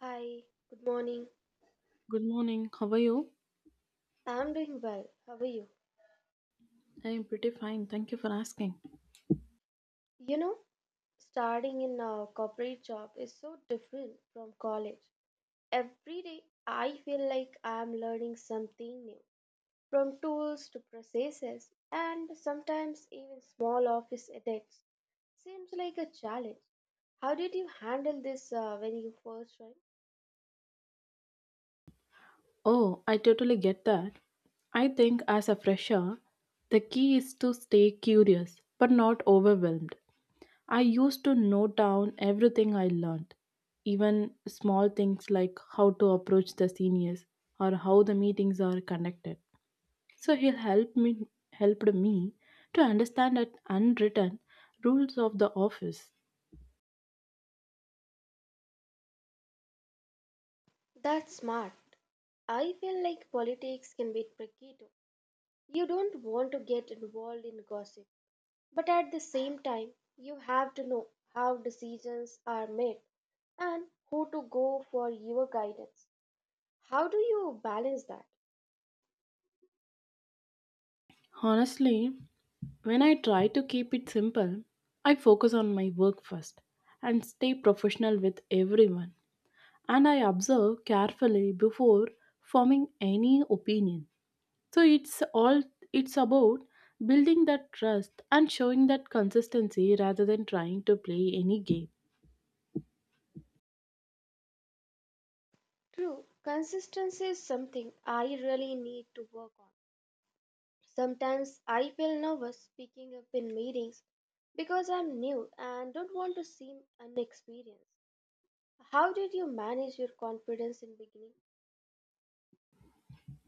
Hi, good morning. Good morning. How are you? I'm doing well. How are you? I am pretty fine. Thank you for asking. You know, starting in a corporate job is so different from college. Every day, I feel like I'm learning something new, from tools to processes, and sometimes even small office edits. Seems like a challenge. How did you handle this when you first joined? Oh, I totally get that. I think as a fresher, the key is to stay curious but not overwhelmed. I used to note down everything I learned, even small things like how to approach the seniors or how the meetings are conducted. So he helped me to understand the unwritten rules of the office. That's smart. I feel like politics can be tricky too. You don't want to get involved in gossip, but at the same time, you have to know how decisions are made and who to go for your guidance. How do you balance that? Honestly, when I try to keep it simple, I focus on my work first and stay professional with everyone. And I observe carefully before forming any opinion. So it's about building that trust and showing that consistency rather than trying to play any game. True, consistency is something I really need to work on. Sometimes I feel nervous speaking up in meetings because I'm new and don't want to seem unexperienced. How did you manage your confidence in beginning?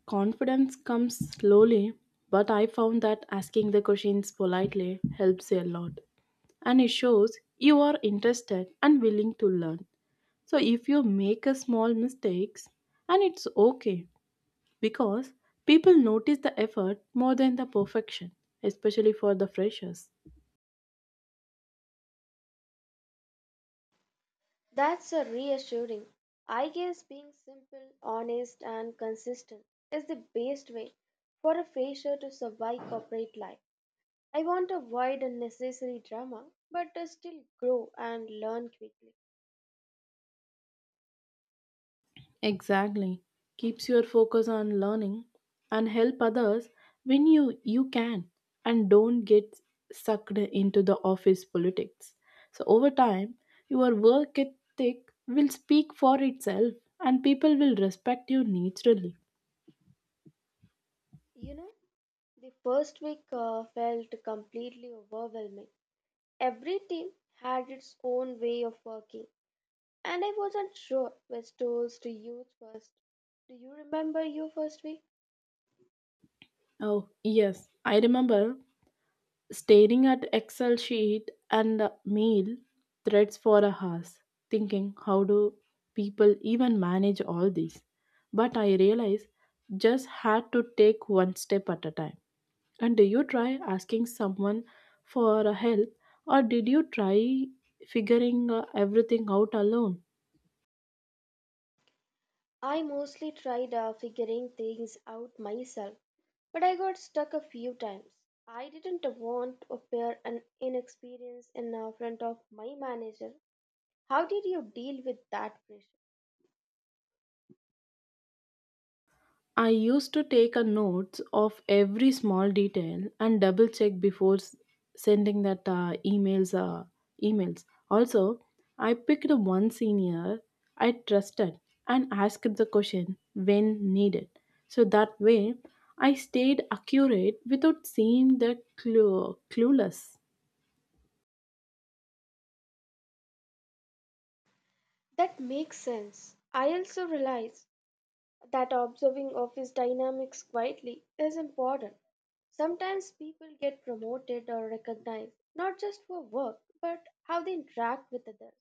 Confidence comes slowly, but I found that asking the questions politely helps a lot. And it shows you are interested and willing to learn. So if you make a small mistakes and it's okay because people notice the effort more than the perfection, especially for the freshers. That's a reassuring. I guess being simple, honest, and consistent is the best way for a fresher to survive corporate life. I want to avoid unnecessary drama, but to still grow and learn quickly. Exactly. Keeps your focus on learning and help others when you can and don't get sucked into the office politics. So over time, your work ethic will speak for itself and people will respect you naturally. You know, the first week felt completely overwhelming. Every team had its own way of working, and I wasn't sure which tools to use first. Do you remember your first week? Oh, yes, I remember staring at excel sheet and mail threads for a hours thinking how do people even manage all these. But I realized just had to take one step at a time. And do you try asking someone for help or did you try figuring everything out alone? I mostly tried figuring things out myself, but I got stuck a few times. I didn't want to appear an inexperienced in front of my manager. How did you deal with that pressure? I used to take a notes of every small detail and double check before sending that emails. Also, I picked one senior I trusted and asked the question when needed. So that way, I stayed accurate without seeming the clueless. That makes sense. I also realize that observing office dynamics quietly is important. Sometimes people get promoted or recognized not just for work but how they interact with others.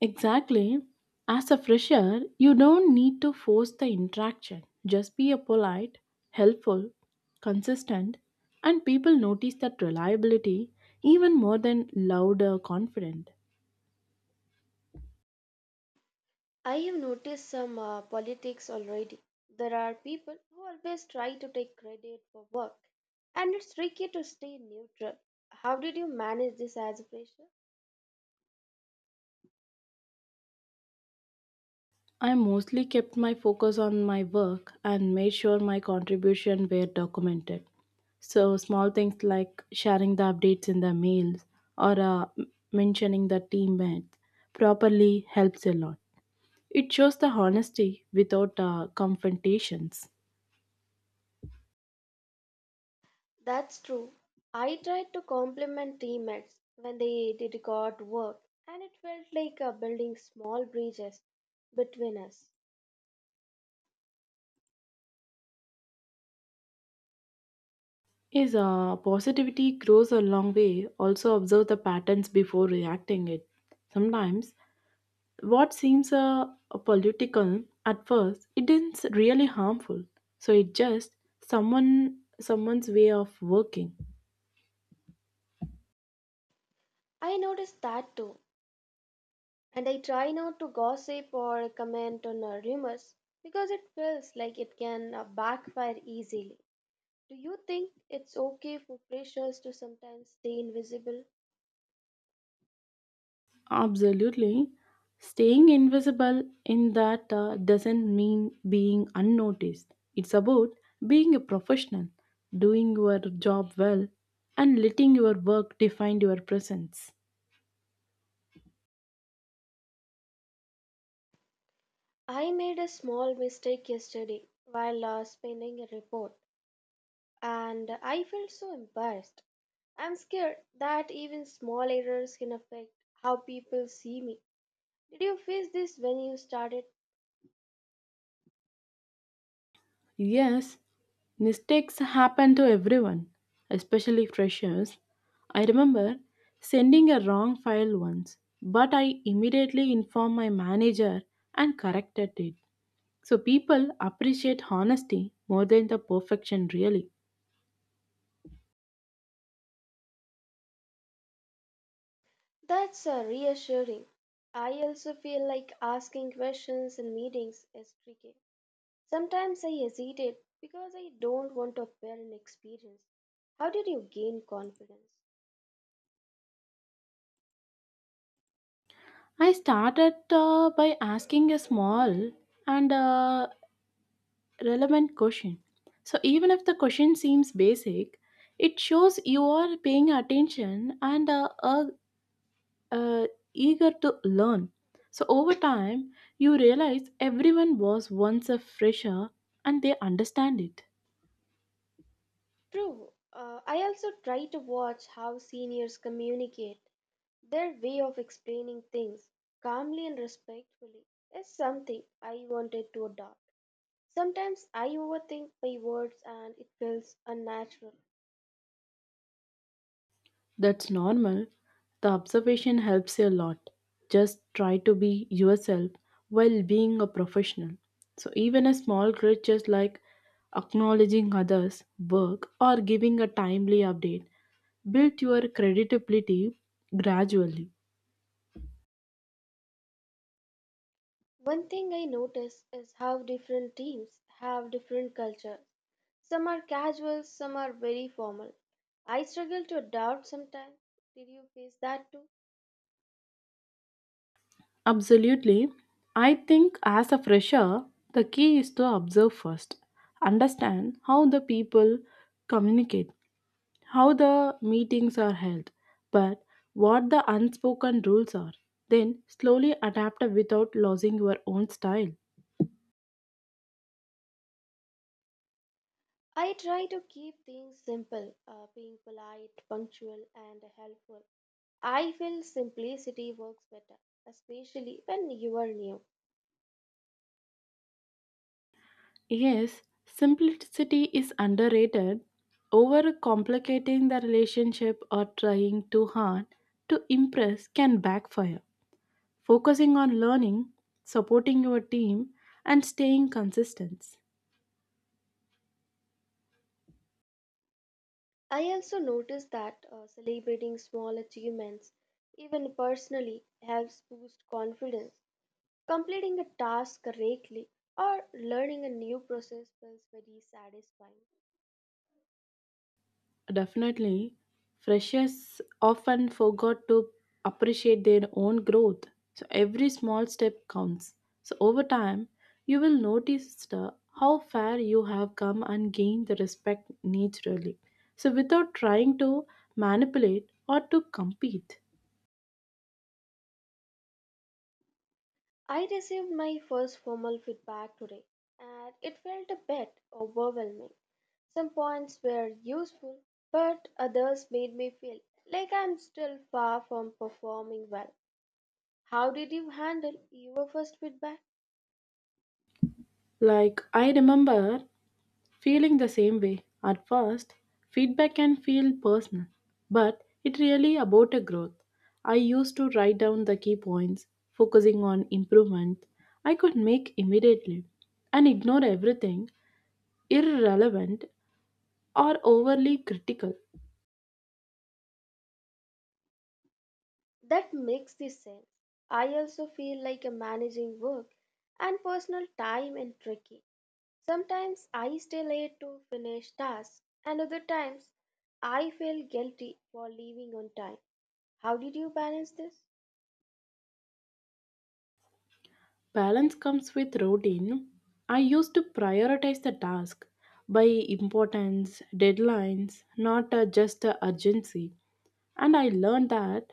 Exactly. As a fresher, you don't need to force the interaction. Just be a polite, helpful, consistent, and people notice that reliability even more than loud or confident. I have noticed some politics already. There are people who always try to take credit for work, and it's tricky to stay neutral. How did you manage this as a pressure? I mostly kept my focus on my work and made sure my contribution were documented. So small things like sharing the updates in the mails or mentioning the teammates properly helps a lot. It shows the honesty without confrontations. That's true. I tried to compliment teammates when they did good work, and it felt like building small bridges between us. Is positivity grows a long way. Also observe the patterns before reacting it. Sometimes what seems political at first, it isn't really harmful. So it just someone's way of working. I noticed that too, and I try not to gossip or comment on rumors because it feels like it can backfire easily. Do you think it's okay for pressures to sometimes stay invisible? Absolutely. Staying invisible in that doesn't mean being unnoticed. It's about being a professional, doing your job well, and letting your work define your presence. I made a small mistake yesterday while spinning a report and I felt so embarrassed. I'm scared that even small errors can affect how people see me. Did you face this when you started? Yes, mistakes happen to everyone, especially freshers. I remember sending a wrong file once, but I immediately informed my manager and corrected it. So people appreciate honesty more than the perfection, really. That's reassuring. I also feel like asking questions in meetings is tricky. Sometimes I hesitate because I don't want to appear inexperienced. How did you gain confidence? I started by asking a small and relevant question. So even if the question seems basic, it shows you are paying attention and uh, eager to learn. So over time, you realize everyone was once a fresher and they understand it. True, I also try to watch how seniors communicate. Their way of explaining things calmly and respectfully is something I wanted to adopt. Sometimes I overthink my words and it feels unnatural. That's normal. The observation helps you a lot. Just try to be yourself while being a professional. So, even a small gestures like acknowledging others' work or giving a timely update build your credibility gradually. One thing I notice is how different teams have different cultures. Some are casual, some are very formal. I struggle to adapt sometimes. Did you face that too? Absolutely. I think as a fresher, the key is to observe first, understand how the people communicate, how the meetings are held, but what the unspoken rules are. Then slowly adapt without losing your own style. I try to keep things simple, being polite, punctual, and helpful. I feel simplicity works better, especially when you are new. Yes, simplicity is underrated. Overcomplicating the relationship or trying too hard to impress can backfire. Focusing on learning, supporting your team, and staying consistent. I also noticed that celebrating small achievements, even personally, helps boost confidence. Completing a task correctly or learning a new process feels very satisfying. Definitely, freshers often forgot to appreciate their own growth. So every small step counts. So over time, you will notice the, how far you have come and gain the respect naturally. So without trying to manipulate or to compete. I received my first formal feedback today and it felt a bit overwhelming. Some points were useful, but others made me feel like I'm still far from performing well. How did you handle your first feedback? Like I remember feeling the same way. At first, feedback can feel personal, but it really about a growth. I used to write down the key points, focusing on improvement I could make immediately, and ignore everything irrelevant or overly critical. That makes the sense. I also feel like I managing work and personal time and tricky. Sometimes I stay late to finish tasks, and other times I feel guilty for leaving on time. How did you balance this? Balance comes with routine. I used to prioritize the task by importance, deadlines, not just urgency. And I learned that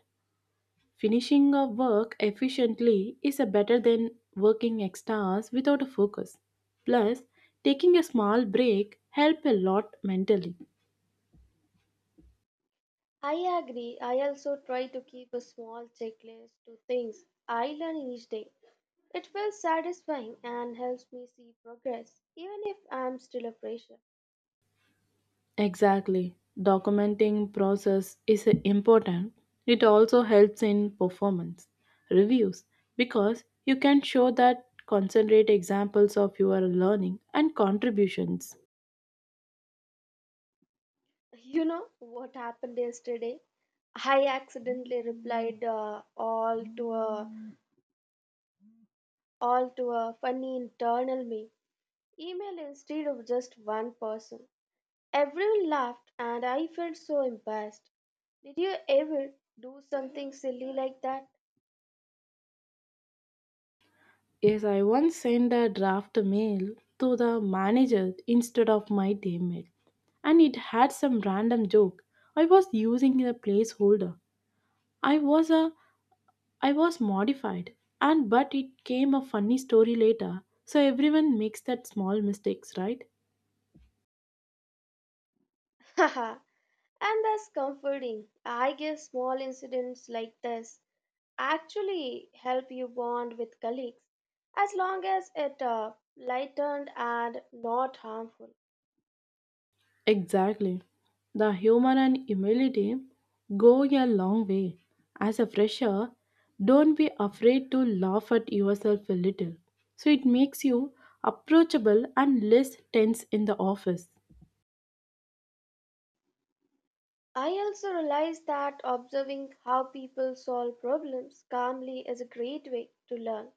finishing a work efficiently is a better than working extra hours without a focus. Plus, taking a small break help a lot mentally. I agree. I also try to keep a small checklist to things I learn each day. It feels satisfying and helps me see progress, even if I'm still a fresher. Exactly. Documenting process is important. It also helps in performance reviews because you can show that concentrate examples of your learning and contributions. You know what happened yesterday? I accidentally replied all to a funny internal meme. Email instead of just one person. Everyone laughed and I felt so embarrassed. Did you ever do something silly like that? Yes, I once sent a draft mail to the manager instead of my teammate, and it had some random joke. I was using a placeholder. I was a I was modified, and but it came a funny story later. So everyone makes that small mistakes, right? Haha, and that's comforting. I guess small incidents like this actually help you bond with colleagues as long as it lightened and not harmful. Exactly. The humor and humility go a long way. As a fresher, don't be afraid to laugh at yourself a little. So it makes you approachable and less tense in the office. I also realized that observing how people solve problems calmly is a great way to learn.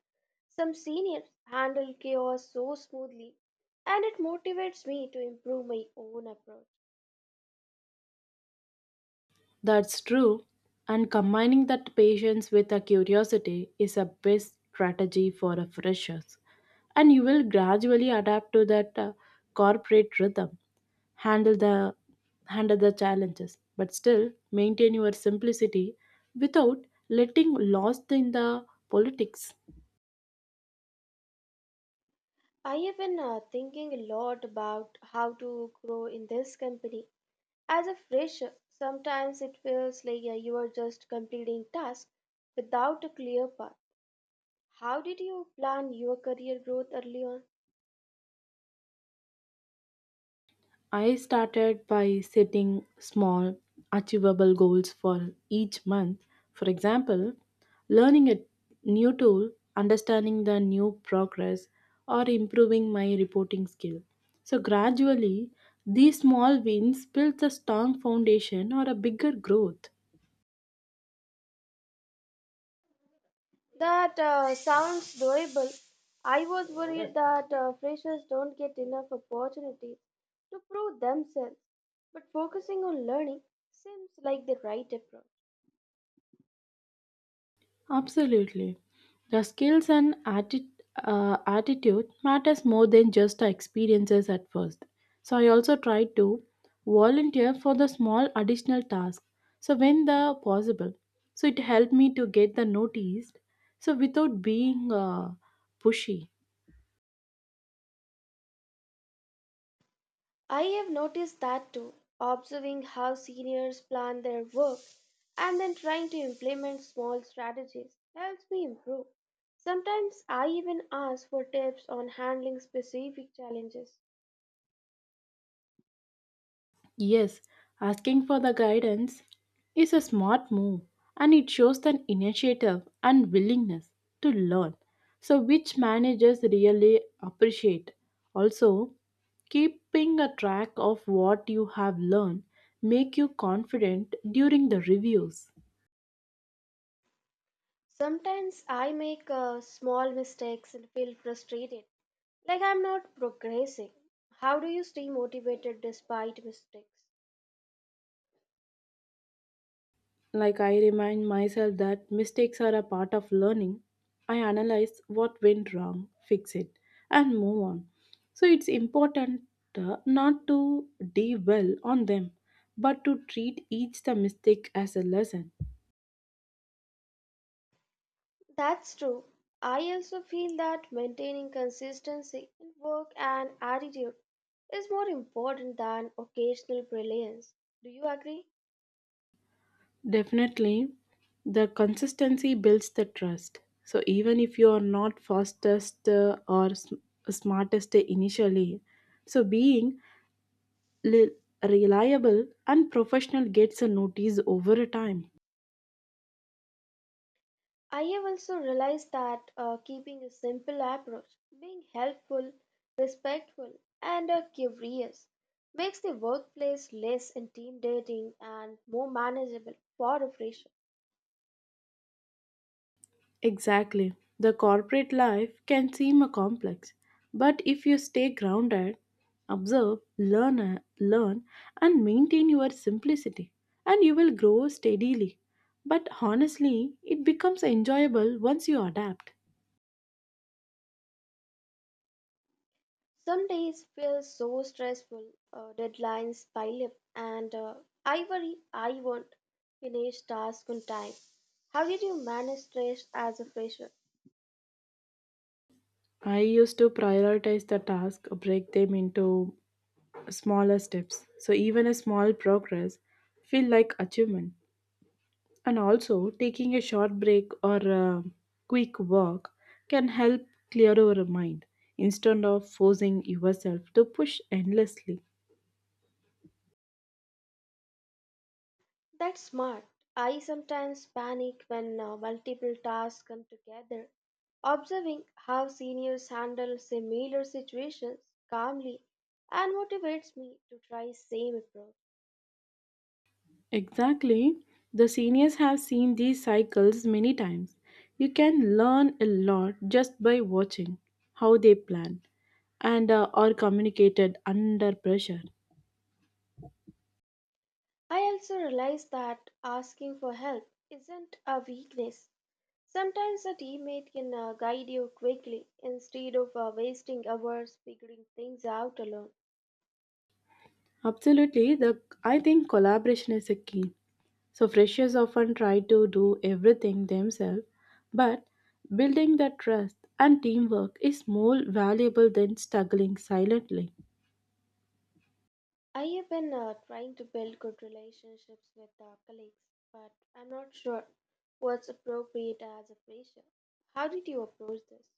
Some seniors handle chaos so smoothly, and it motivates me to improve my own approach. That's true. And combining that patience with a curiosity is a best strategy for a freshers. And you will gradually adapt to that corporate rhythm, handle the handle the challenges, but still maintain your simplicity without letting lost in the politics. I have been thinking a lot about how to grow in this company. As a fresher, sometimes it feels like you are just completing tasks without a clear path. How did you plan your career growth early on? I started by setting small, achievable goals for each month. For example, learning a new tool, understanding the new progress, or improving my reporting skill. So, gradually, these small wins build a strong foundation or a bigger growth. That sounds doable. I was worried that freshers don't get enough opportunities to prove themselves, but focusing on learning seems like the right approach. Absolutely. The skills and attitude matters more than just the experiences at first. So I also try to volunteer for the small additional tasks. So when the possible, so it helped me to get the noticed. So without being pushy. I have noticed that too, observing how seniors plan their work and then trying to implement small strategies helps me improve. Sometimes I even ask for tips on handling specific challenges. Yes, asking for the guidance is a smart move and it shows an initiative and willingness to learn. So, which managers really appreciate. Also, keeping a track of what you have learned make you confident during the reviews. Sometimes I make small mistakes and feel frustrated like I'm not progressing. How do you stay motivated despite mistakes? Like I remind myself that mistakes are a part of learning, I analyze what went wrong, fix it, and move on. So it's important not to dwell on them, but to treat each the mistake as a lesson. That's true. I also feel that maintaining consistency in work and attitude is more important than occasional brilliance. Do you agree? Definitely, the consistency builds the trust. So even if you are not fastest or smartest initially, so being li- reliable and professional gets a notice over time. I have also realized that keeping a simple approach, being helpful, respectful, and curious makes the workplace less intimidating and more manageable for a fresher. Exactly. The corporate life can seem a complex, but if you stay grounded, observe, learn and maintain your simplicity and you will grow steadily. But honestly, it becomes enjoyable once you adapt. Some days feel so stressful, deadlines pile up, and I worry I won't finish tasks on time. How did you manage stress as a fresher? I used to prioritize the task, break them into smaller steps. So even a small progress feel like achievement. And also, taking a short break or a quick walk can help clear your mind instead of forcing yourself to push endlessly. That's smart. I sometimes panic when multiple tasks come together. Observing how seniors handle similar situations calmly and motivates me to try same approach. Exactly. The seniors have seen these cycles many times. You can learn a lot just by watching how they plan and are communicated under pressure. I also realize that asking for help isn't a weakness. Sometimes a teammate can guide you quickly instead of wasting hours figuring things out alone. Absolutely, the I think collaboration is a key. So freshers often try to do everything themselves, but building that trust and teamwork is more valuable than struggling silently. I have been trying to build good relationships with colleagues, but I'm not sure what's appropriate as a fresher. How did you approach this?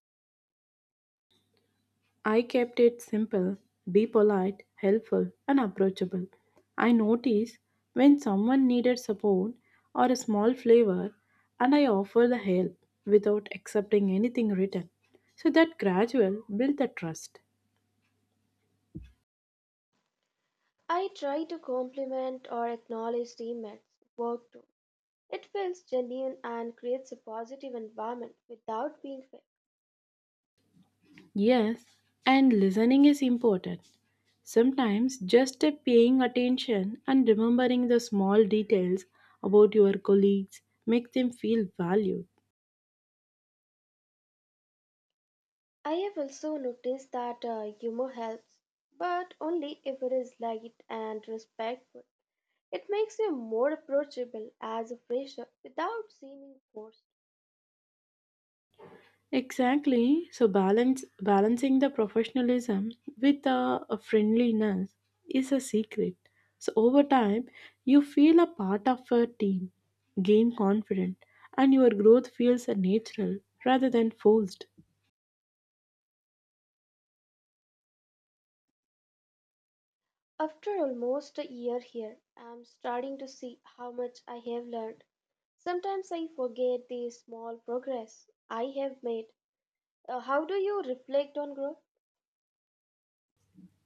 I kept it simple, be polite, helpful, and approachable. I noticed when someone needed support or a small flavor, and I offered the help without accepting anything written. So that gradual built the trust. I try to compliment or acknowledge teammates, work too. It feels genuine and creates a positive environment without being fake. Yes, and listening is important. Sometimes just a paying attention and remembering the small details about your colleagues make them feel valued. I have also noticed that humor helps, but only if it is light and respectful. It makes you more approachable as a fresher without seeming forced. Exactly. So balance balancing the professionalism with a friendliness is a secret. So over time, you feel a part of a team, gain confidence, and your growth feels a natural rather than forced. After almost a year here, I'm starting to see how much I have learned. Sometimes I forget the small progress I have made. How do you reflect on growth?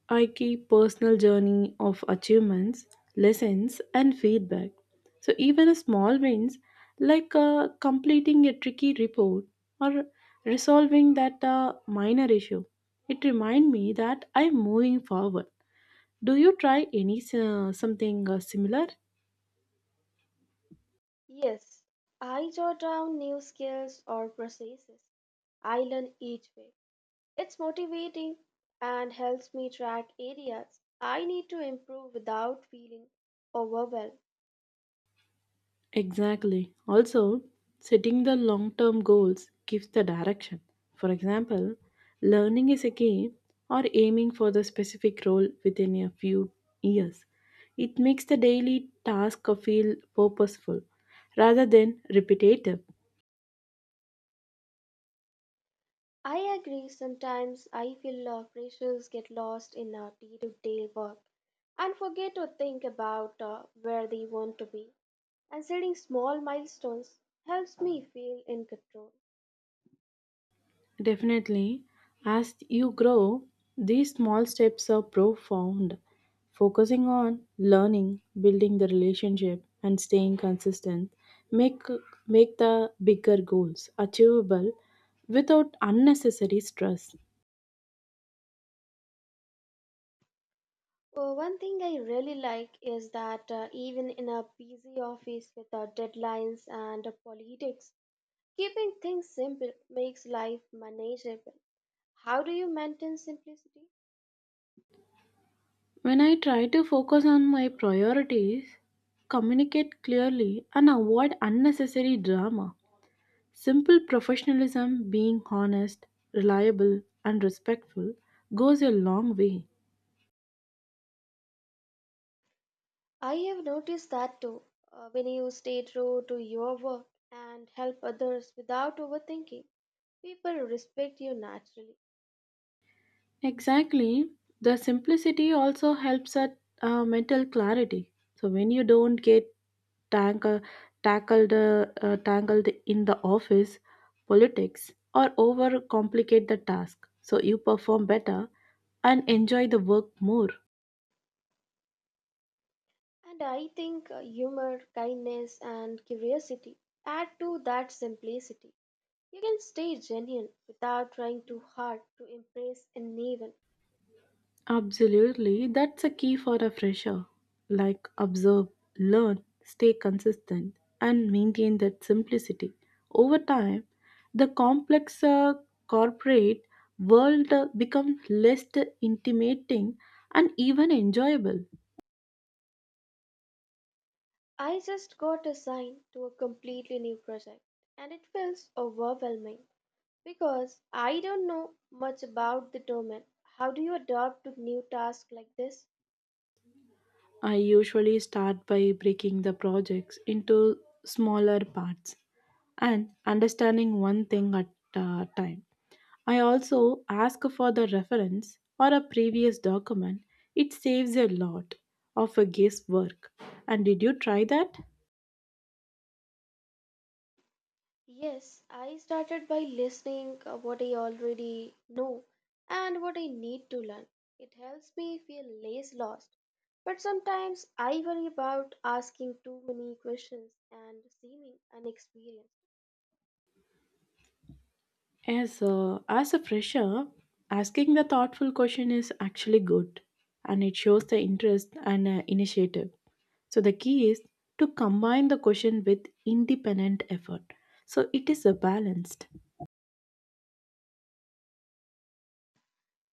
I keep personal journey of achievements, lessons, and feedback. So even a small wins, like completing a tricky report or resolving that minor issue, it remind me that I'm moving forward. Do you try any something similar? Yes, I jot down new skills or processes I learn each week. It's motivating and helps me track areas I need to improve without feeling overwhelmed. Exactly. Also, setting the long term goals gives the direction. For example, learning is a game or aiming for the specific role within a few years. It makes the daily task feel purposeful rather than repetitive. I agree, sometimes I feel our pressures get lost in our day to day work and forget to think about where they want to be. And setting small milestones helps me feel in control. Definitely. As you grow, these small steps are profound. Focusing on learning, building the relationship, and staying consistent make make the bigger goals achievable without unnecessary stress. One thing I really like is that even in a busy office with our deadlines and politics, keeping things simple makes life manageable. How do you maintain simplicity? When I try to focus on my priorities, communicate clearly, and avoid unnecessary drama, simple professionalism, being honest, reliable, and respectful goes a long way. I have noticed that too. When you stay true to your work and help others without overthinking, people respect you naturally. Exactly. The simplicity also helps at mental clarity. So when you don't get tangle, tangled in the office politics or overcomplicate the task, so you perform better and enjoy the work more. And I think humor, kindness, and curiosity add to that simplicity. You can stay genuine without trying too hard to impress anyone. Absolutely, that's a key for a fresher. Like observe, learn, stay consistent, and maintain that simplicity. Over time, the complex corporate world becomes less intimidating and even enjoyable. I just got assigned to a completely new project and it feels overwhelming, because I don't know much about the domain. How do you adapt to new tasks like this? I usually start by breaking the projects into smaller parts and understanding one thing at a time. I also ask for the reference or a previous document. It saves a lot of a guesswork. And did you try that? Yes, I started by listening what I already know and what I need to learn. It helps me feel less lost. But sometimes I worry about asking too many questions and seeming inexperienced. As a fresher, asking the thoughtful question is actually good and it shows the interest and initiative. So the key is to combine the question with independent effort. So it is a balanced.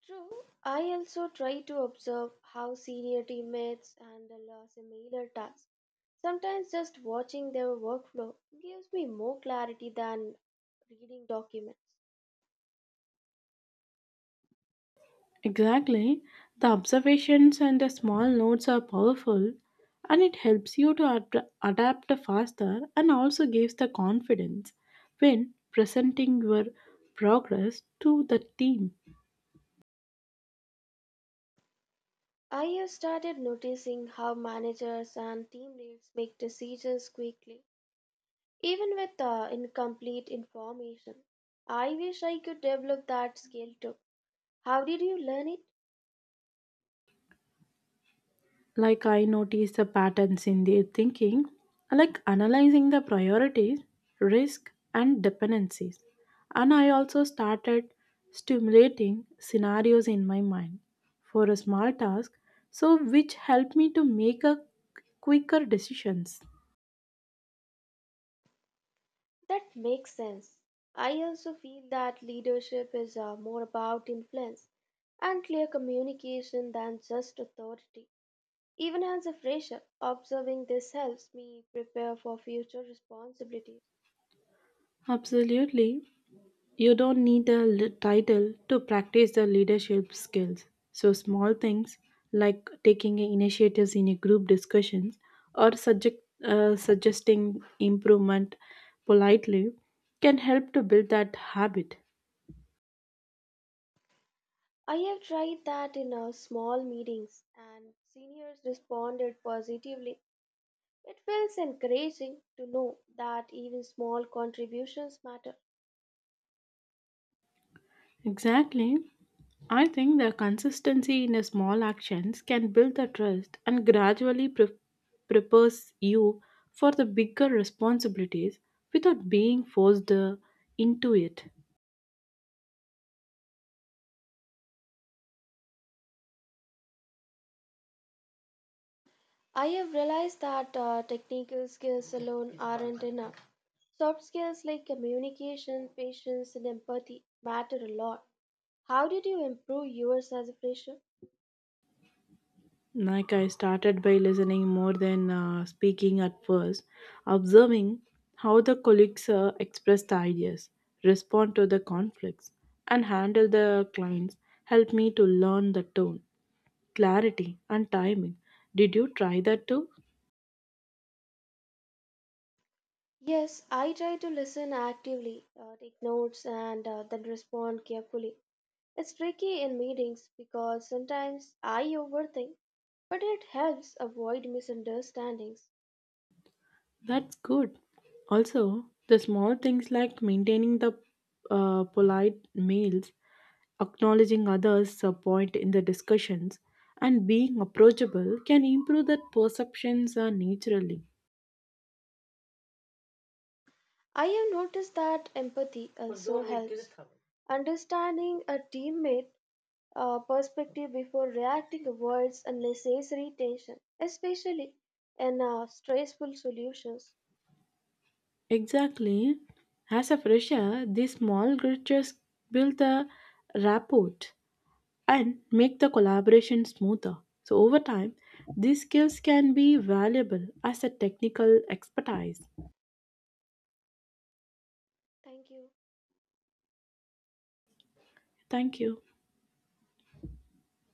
True, I also try to observe how senior teammates handle similar tasks. Sometimes just watching their workflow gives me more clarity than reading documents. Exactly. The observations and the small notes are powerful and it helps you to adapt faster and also gives the confidence when presenting your progress to the team. I have started noticing how managers and team leads make decisions quickly, even with incomplete information. I wish I could develop that skill too. How did you learn it? Like I notice the patterns in their thinking, like analyzing the priorities, risk and dependencies. And I also started stimulating scenarios in my mind for a small task, so which helped me to make a quicker decisions. That makes sense. I also feel that leadership is more about influence and clear communication than just authority. Even as a fresher, observing this helps me prepare for future responsibilities. Absolutely, you don't need a title to practice the leadership skills. So, small things like taking initiatives in a group discussions or suggesting improvement politely can help to build that habit. I have tried that in our small meetings, and seniors responded positively. It feels encouraging to know that even small contributions matter. Exactly. I think the consistency in the small actions can build the trust and gradually prepares you for the bigger responsibilities without being forced into it. I have realized that technical skills alone aren't enough. Soft skills like communication, patience, and empathy matter a lot. How did you improve yours as a fresher? Like I started by listening more than speaking at first, observing how the colleagues express the ideas, respond to the conflicts, and handle the clients helped me to learn the tone, clarity, and timing. Did you try that too? Yes, I try to listen actively, take notes, and then respond carefully. It's tricky in meetings because sometimes I overthink, but it helps avoid misunderstandings. That's good. Also, the small things like maintaining the polite mails, acknowledging others' point in the discussions and being approachable can improve that perceptions naturally. I have noticed that empathy also helps. Understanding a teammate perspective before reacting avoids unnecessary tension, especially in stressful solutions. Exactly. As a fresher, these small gestures build the rapport and make the collaboration smoother. So over time, these skills can be valuable as a technical expertise. Thank you. Thank you.